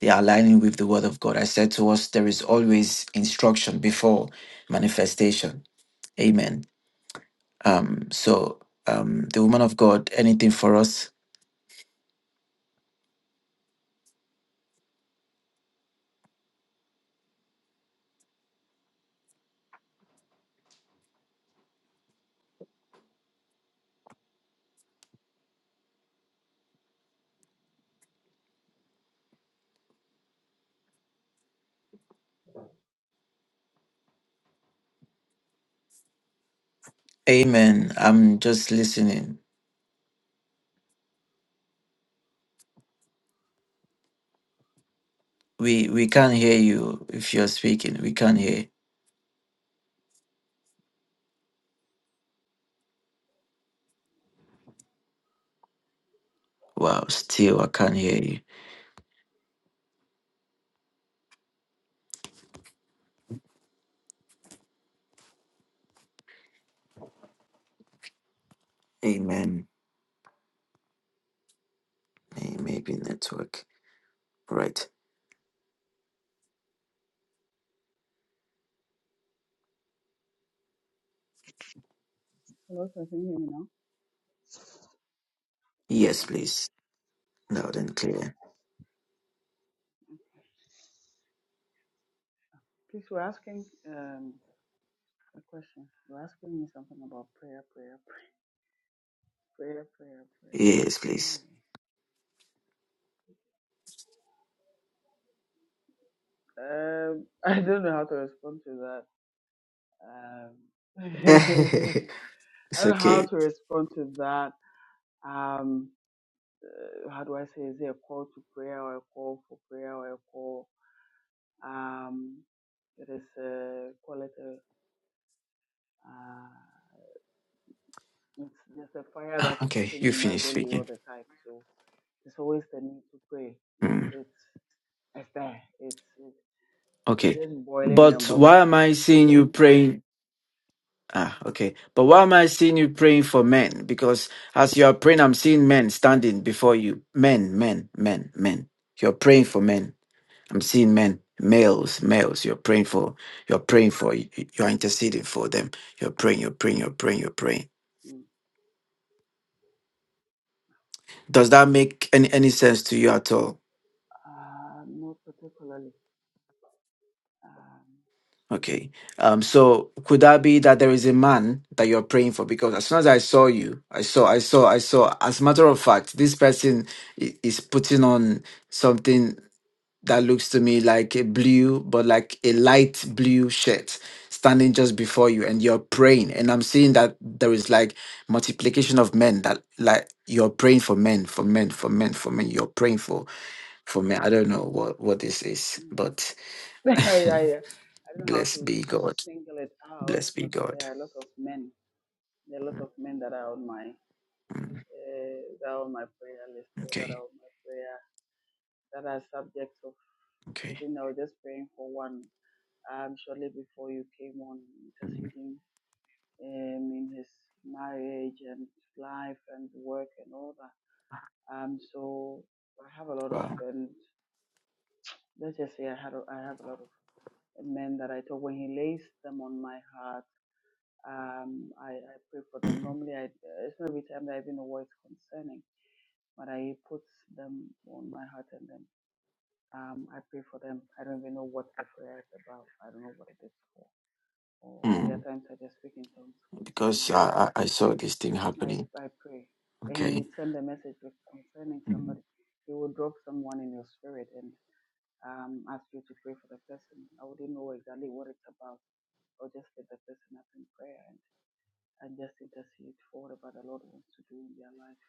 Speaker 1: They are aligning with the Word of God. I said to us, there is always instruction before manifestation. Amen. Um. So, um, the woman of God, anything for us? Amen. I'm just listening. We we can't hear you if you're speaking. We can't hear. Wow, still I can't hear you. Amen. Hey, Maybe network. Right.
Speaker 7: Hello, sir. Can you hear me now?
Speaker 1: Yes,
Speaker 7: Okay.
Speaker 1: please. Loud
Speaker 7: okay.
Speaker 1: and clear.
Speaker 7: Please, we're asking um, a question. You're asking me something about prayer, prayer, prayer, prayer, prayer.
Speaker 1: Yes, please.
Speaker 7: Oh. Um, I don't know how to respond to that. Um,
Speaker 1: it's
Speaker 7: I don't know how
Speaker 1: okay.
Speaker 7: to respond to that. Um, uh, how do I say? Is it a call to prayer or a call for prayer or a call? Um, it is uh, call it a, uh, it's just a fire
Speaker 1: Ah,
Speaker 7: that is
Speaker 1: Okay,
Speaker 7: sitting
Speaker 1: you
Speaker 7: in my
Speaker 1: finish
Speaker 7: belly all
Speaker 1: speaking.
Speaker 7: the time. So There's always the need to pray. It's
Speaker 1: Hmm.
Speaker 7: it's it's there. It's it's it's
Speaker 1: Okay.
Speaker 7: just boiling
Speaker 1: But
Speaker 7: and
Speaker 1: why
Speaker 7: bubbling
Speaker 1: am
Speaker 7: over.
Speaker 1: I seeing you
Speaker 7: hmm
Speaker 1: praying? Ah, okay. But why am I seeing you praying for men? Because as you are praying, I'm seeing men standing before you. Men, men, men, men. You're praying for men. I'm seeing men, males, males. You're praying for, you're praying for, y- y- you're interceding for them. You're praying, you're praying, you're praying, you're praying.
Speaker 7: mm
Speaker 1: Does that make any, any sense to you at all?
Speaker 7: Uh, not particularly. Um,
Speaker 1: Okay. Um, so could that be that there is a man that you're praying for? Because as soon as I saw you, I saw, I saw, I saw, as a matter of fact, this person i- is putting on something that looks to me like a blue, but like a light blue shirt standing just before you and you're praying. And I'm seeing that there is like multiplication of men that like you're praying for men, for men, for men, for men. You're praying for for men. I don't know what, what this is,
Speaker 7: no.
Speaker 1: but
Speaker 7: I, I I don't know how to
Speaker 1: blessed be God.
Speaker 7: single it out,
Speaker 1: Blessed be
Speaker 7: but
Speaker 1: God.
Speaker 7: there are a lot of men. There are a lot of men that are on my
Speaker 1: Mm,
Speaker 7: uh, that are on my prayer list or that
Speaker 1: okay.
Speaker 7: are on my prayer that are subjects of.
Speaker 1: Okay.
Speaker 7: Even I was just praying for one. Um, shortly before you came on interceding um, in his marriage and life and work and all that. Um, so I have a lot of,
Speaker 1: Wow.
Speaker 7: and let's just say I had, a, I have a lot of men that I talk when he lays them on my heart. Um, I, I pray for them.
Speaker 1: Mm,
Speaker 7: Normally, I it's not every time that I even know what is concerning, but I put them on my heart and then um, I pray for them. I don't even know what the prayer is about. I don't know what it is for. Or there are
Speaker 1: mm,
Speaker 7: times I just speak in tongues
Speaker 1: because
Speaker 7: concerning them
Speaker 1: I, I I saw this thing
Speaker 7: I,
Speaker 1: happening.
Speaker 7: I pray that He
Speaker 1: Okay.
Speaker 7: would send a message with- concerning
Speaker 1: Mm,
Speaker 7: somebody. He will drop someone in your spirit and um, ask you to pray for the person. I wouldn't know exactly what it's about. I'll just lift the person up in prayer and, and just intercede for whatever the Lord wants to do in their life,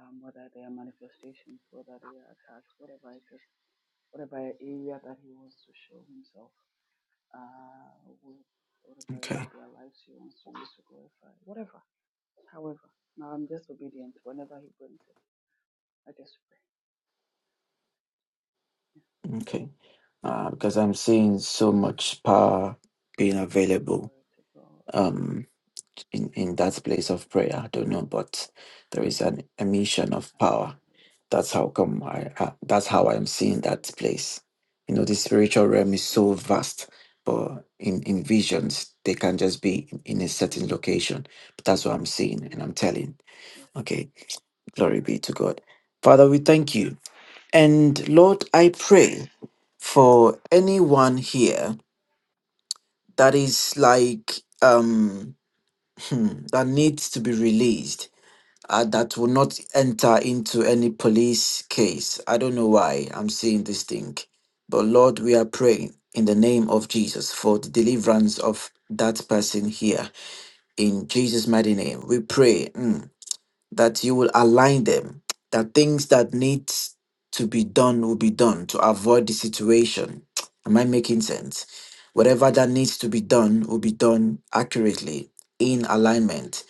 Speaker 7: um, whether they are manifestations, whether they are attacks, whatever it is, whatever area that He wants to show Himself, uh, wh- whatever
Speaker 1: Okay.
Speaker 7: area of their lives He wants to use to glorify, whatever, however. Now I'm just obedient whenever He brings it. I just pray.
Speaker 1: Okay. Uh, because I'm seeing so much power being available
Speaker 7: Glory to God.
Speaker 1: um in in that place of prayer. I don't know,
Speaker 7: Glory to
Speaker 1: but
Speaker 7: God.
Speaker 1: there is an emission of power.
Speaker 7: Hallelujah.
Speaker 1: That's how come I. Uh, that's how I'm seeing that
Speaker 7: Hallelujah.
Speaker 1: place. You know, the spiritual realm is so
Speaker 7: Mm,
Speaker 1: vast, but in in visions they can just be in, in a certain
Speaker 7: mm,
Speaker 1: location. But that's what I'm seeing, and
Speaker 7: mm.
Speaker 1: I'm telling.
Speaker 7: Yes, sir.
Speaker 1: Okay, glory be to God,
Speaker 7: Hallelujah.
Speaker 1: Father. We thank you. And Lord, I pray for anyone here that is like um hmm, that needs to be released uh, that will not enter into any police case. I don't know why I'm saying this thing, but Lord, we are praying in the name of Jesus for the deliverance of that person here. In Jesus' mighty name, we pray. hmm, that you will align them, that things that need to be done will be done to avoid the situation. Am I making sense? Whatever that needs to be done will be done accurately in alignment.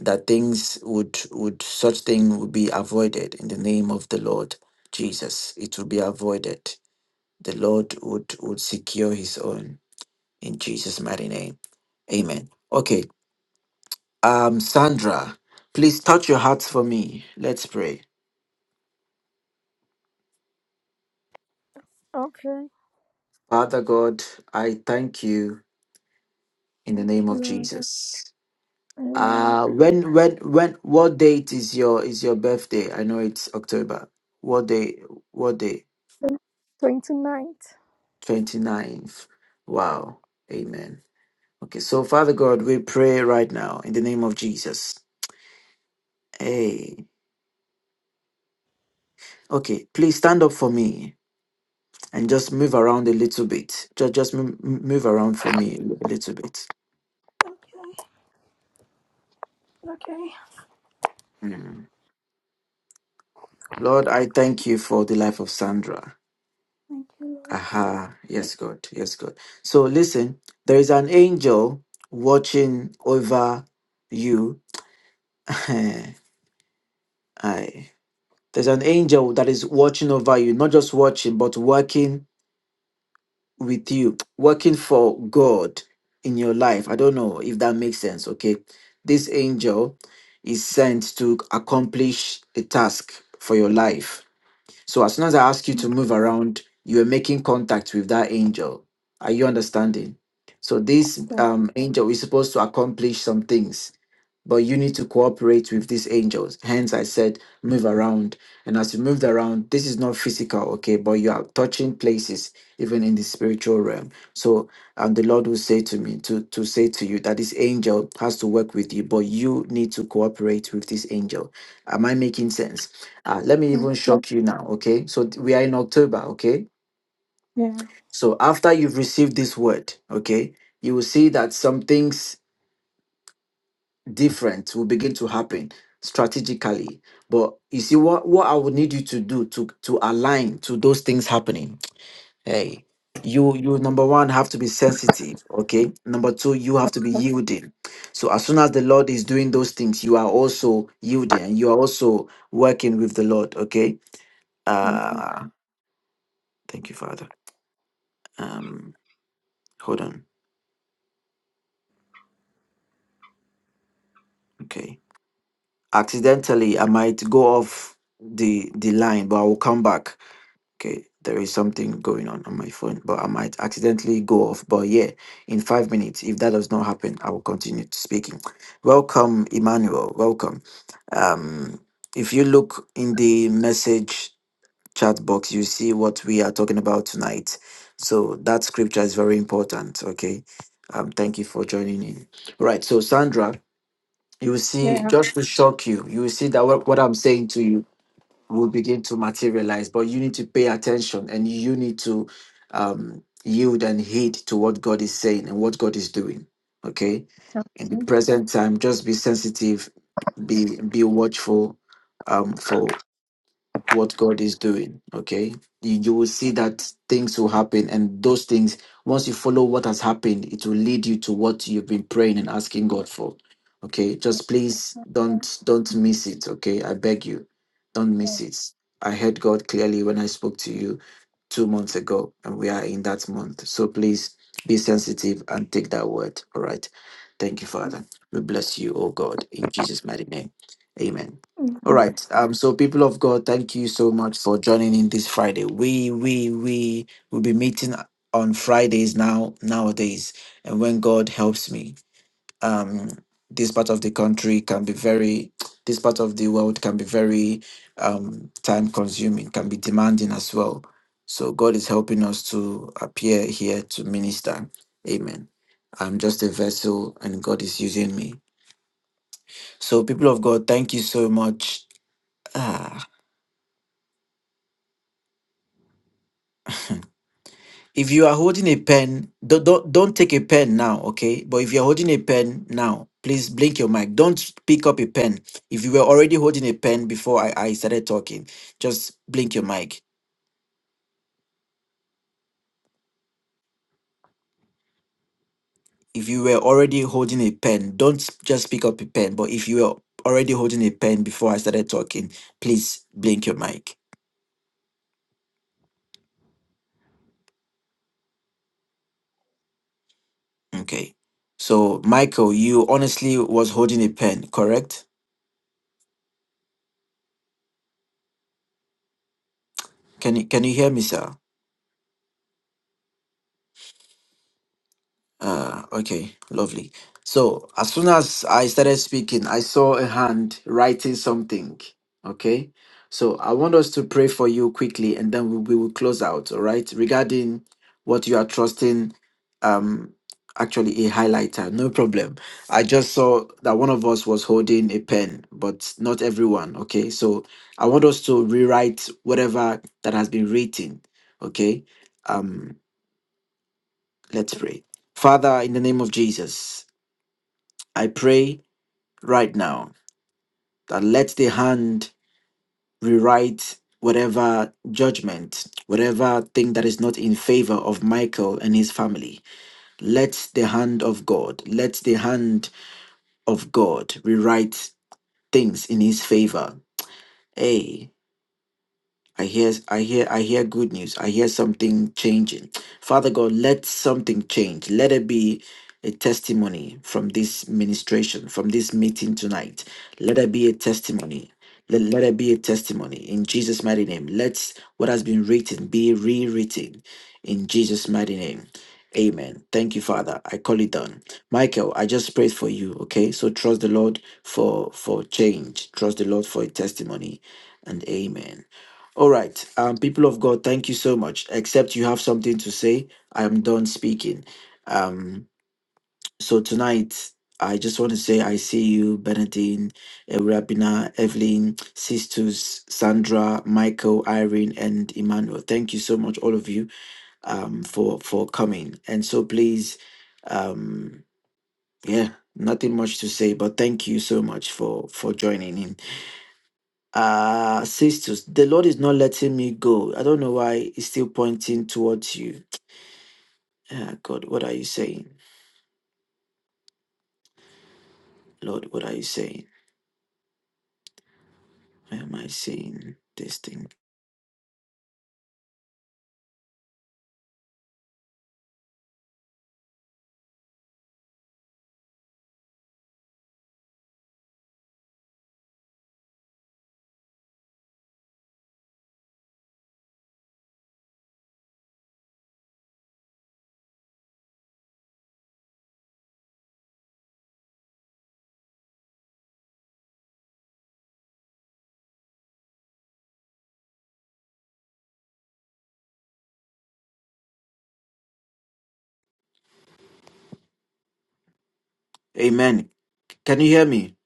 Speaker 1: That things would would such thing would be avoided in the name of the Lord Jesus. It will be avoided. The Lord would would secure His own in Jesus' mighty name. Amen. Okay. Um, Sandra, please touch your hearts for me. Let's pray.
Speaker 5: Okay.
Speaker 1: Father God, I thank you in the
Speaker 5: Thank
Speaker 1: name
Speaker 5: you,
Speaker 1: of
Speaker 5: Lord.
Speaker 1: Jesus.
Speaker 5: Amen.
Speaker 1: Uh when when when what date is your is your birthday? I know it's October. What day what day?
Speaker 5: Going tonight.
Speaker 1: Twenty ninth. Wow. Amen. Okay, so Father God, we pray right now in the name of Jesus. Hey. Okay, please stand up for me and just move around a little bit. Just just m- m- move around for me a little bit.
Speaker 5: Okay. Okay.
Speaker 1: Mm. Lord, I thank you for the life of Sandra.
Speaker 5: Thank you, Lord.
Speaker 1: Aha. Yes, God. Yes, God. So listen, there is an angel watching over you. Aye. There's an angel that is watching over you, not just watching, but working with you, working for God in your life. I don't know if that makes sense. Okay. This angel is sent to accomplish a task for your life. So as soon as I ask you to move around, you are making contact with that angel. Are you understanding? So this
Speaker 5: Thank
Speaker 1: um, angel is supposed to accomplish some things but you need to cooperate with these angels. Hence, I said, move around. And as you moved around, this is not physical, okay, but you are touching places, even in the spiritual realm. So, and the Lord will say to me, to, to say to you that this angel has to work with you, but you need to cooperate with this angel. Am I making sense? Uh, let me
Speaker 5: you.
Speaker 1: even shock you now, okay? So, we are in October, okay?
Speaker 5: Yeah.
Speaker 1: So, after you've received this word, okay, you will see that some things different will begin to happen strategically. But you see, what what I would need you to do to to align to those things happening. Hey, you you number one have to be sensitive. Okay, number two you have to be yielding. So as soon as the Lord is doing those things, you are also yielding and you are also working with the Lord. Okay.
Speaker 5: Thank you.
Speaker 1: Uh, thank you, Father. Um, hold on. Okay. Accidentally, I might go off the the line, but I will come back. Okay, there is something going on on my phone, but I might accidentally go off. But yeah, in five minutes, if that does not happen, I will continue to speaking. Welcome, Emmanuel. Welcome. Um, if you look in the message chat box, you see what we are talking about tonight. So that scripture is very important. Okay. Um, thank you for joining in. All right. So, Sandra, you will see,
Speaker 5: Yeah.
Speaker 1: just to shock you, you will see that what what I'm saying to you will begin to materialize. But you need to pay attention and you need to um, yield and heed to what God is saying and what God is doing. Okay. In the present time, just be sensitive, be be watchful um, for what God is doing. Okay. You, you will see that things will happen. And those things, once you follow what has happened, it will lead you to what you've been praying and asking God for. Okay. Just please don't don't miss it. Okay. I beg you. Don't miss it. I heard God clearly when I spoke to you two months ago, and we are in that month. So please be sensitive and take that word. All right. Thank you,
Speaker 5: Thank
Speaker 1: Father. We bless you, oh God, in Jesus' mighty name. Amen. All
Speaker 5: you.
Speaker 1: right. Um, so people of God, thank you so much for joining in this Friday. We we we will be meeting on Fridays now, nowadays, and when God helps me um, this part of the country can be very, this part of the world can be very um, time consuming, can be demanding as well. So God is helping us to appear here to minister. Amen. I'm just a vessel and God is using me. So, people of God, thank you so much. Ah, If you are holding a pen, don't, don't don't take a pen now, okay? But if you're holding a pen now, please blink your mic. Don't pick up a pen. If you were already holding a pen before I, I started talking, just blink your mic. If you were already holding a pen, don't just pick up a pen. But if you were already holding a pen before I started talking, please blink your mic. Okay. So Michael, you honestly was holding a pen, correct? Can you can you hear me, sir? Uh, okay, lovely. So as soon as I started speaking, I saw a hand writing something. Okay, so I want us to pray for you quickly, and then we, we will close out. All right, regarding what you are trusting. Um, actually, a highlighter, no problem. I just saw that one of us was holding a pen, but not everyone. Okay, so I want us to rewrite whatever that has been written. Okay, um. Let's pray. Father, in the name of Jesus, I pray right now that let the hand rewrite whatever judgment, whatever thing that is not in favor of Michael and his family. Let the hand of God, let the hand of God rewrite things in his favor. Hey, I hear, I hear, I hear good news. I hear something changing. Father God, let something change. Let it be a testimony from this ministration, from this meeting tonight. Let it be a testimony. Let, let it be a testimony in Jesus' mighty name. Let what has been written be rewritten in Jesus' mighty name. Amen. Thank you, Father. I call it done. Michael, I just prayed for you. Okay. So trust the Lord for for change. Trust the Lord for a testimony. And amen. All right, um, people of God, thank you so much. Except you have something to say, I am done speaking. Um, so tonight, I just want to say I see you, Benedine, Erabina, Evelyn, Sistus, Sandra, Michael, Irene, and Emmanuel. Thank you so much, all of you, um, for for coming. And so please, um, yeah, nothing much to say, but thank you so much for for joining in. Uh, sisters, the Lord is not letting me go. I don't know why He's still pointing towards you. Ah, God, what are you saying? Lord, what are you saying? Why am I saying this thing? Amen. Can you hear me?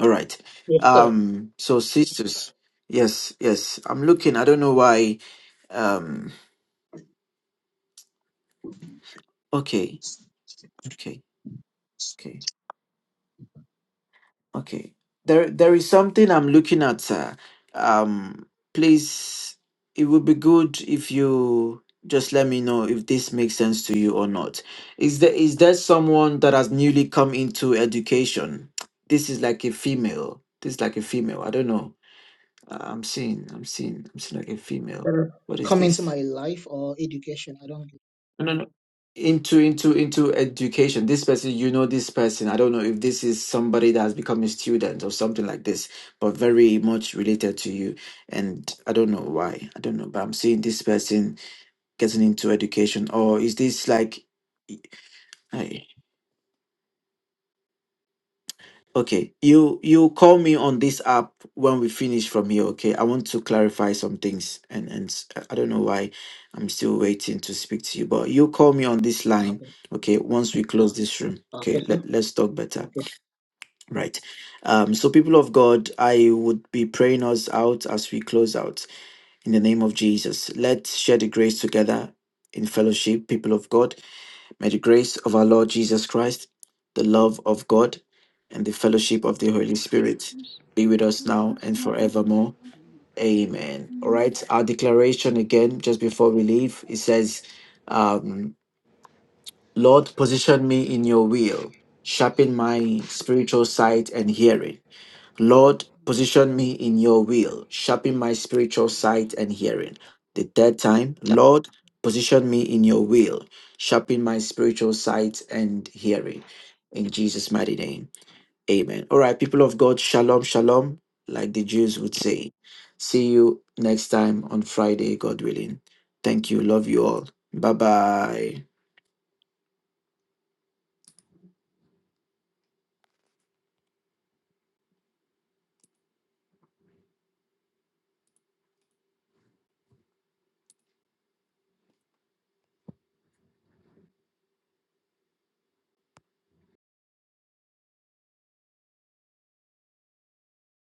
Speaker 1: All right.
Speaker 2: Yes, sir.
Speaker 1: Um, so sisters, yes, yes. I'm looking. I don't know why. Um, okay, okay, okay. Okay. There there is something I'm looking at, sir. Um please it would be good if you just let me know if this makes sense to you or not. Is there is there someone that has newly come into education? This is like a female. This is like a female. I don't know. Uh, I'm seeing, I'm seeing, I'm seeing like a female.
Speaker 2: Sir,
Speaker 1: What is
Speaker 2: Come into
Speaker 1: this?
Speaker 2: my life or education. I don't.
Speaker 1: No, no, no. Into into into education. This person, you know, this person. I don't know if this is somebody that has become a student or something like this, but very much related to you. And I don't know why. I don't know, but I'm seeing this person getting into education, or is this like? hey, Okay, you you call me on this app when we finish from here, okay? I want to clarify some things and and s- I I don't know why I'm still waiting to speak to you, but you call me on this line,
Speaker 2: Okay.
Speaker 1: okay, once we close this room.
Speaker 2: Okay,
Speaker 1: Okay,
Speaker 2: sir.
Speaker 1: let, let's talk better.
Speaker 2: Okay.
Speaker 1: Right. Um, so people of God, I would be praying us out as we close out in the name of Jesus. Let's share the grace together in fellowship, people of God. May the grace of our Lord Jesus Christ, the love of God, and the fellowship of the Holy Spirit
Speaker 4: Yes,
Speaker 1: be with
Speaker 7: Mm,
Speaker 1: us
Speaker 4: Lord,
Speaker 1: now
Speaker 4: yes,
Speaker 1: and forevermore.
Speaker 7: mm. So,
Speaker 1: Amen. All
Speaker 7: uh,
Speaker 4: Amen.
Speaker 1: right, our declaration again, just before we leave, it says, um, Lord, position me in your will, sharpen my spiritual sight and hearing. Lord,
Speaker 7: mm,
Speaker 1: position me in your will,
Speaker 7: God
Speaker 1: sharpen my spiritual
Speaker 7: position. me.
Speaker 1: sight and hearing. The third time,
Speaker 7: Sharpen me. with
Speaker 1: Lord,
Speaker 7: grace.
Speaker 1: position me in your will, sharpen my spiritual sight and hearing. In Jesus' mighty name, amen. All right, people of God, shalom, shalom, like the Jews would say. See you next time on Friday, God willing. Thank you. Love you all. Bye bye.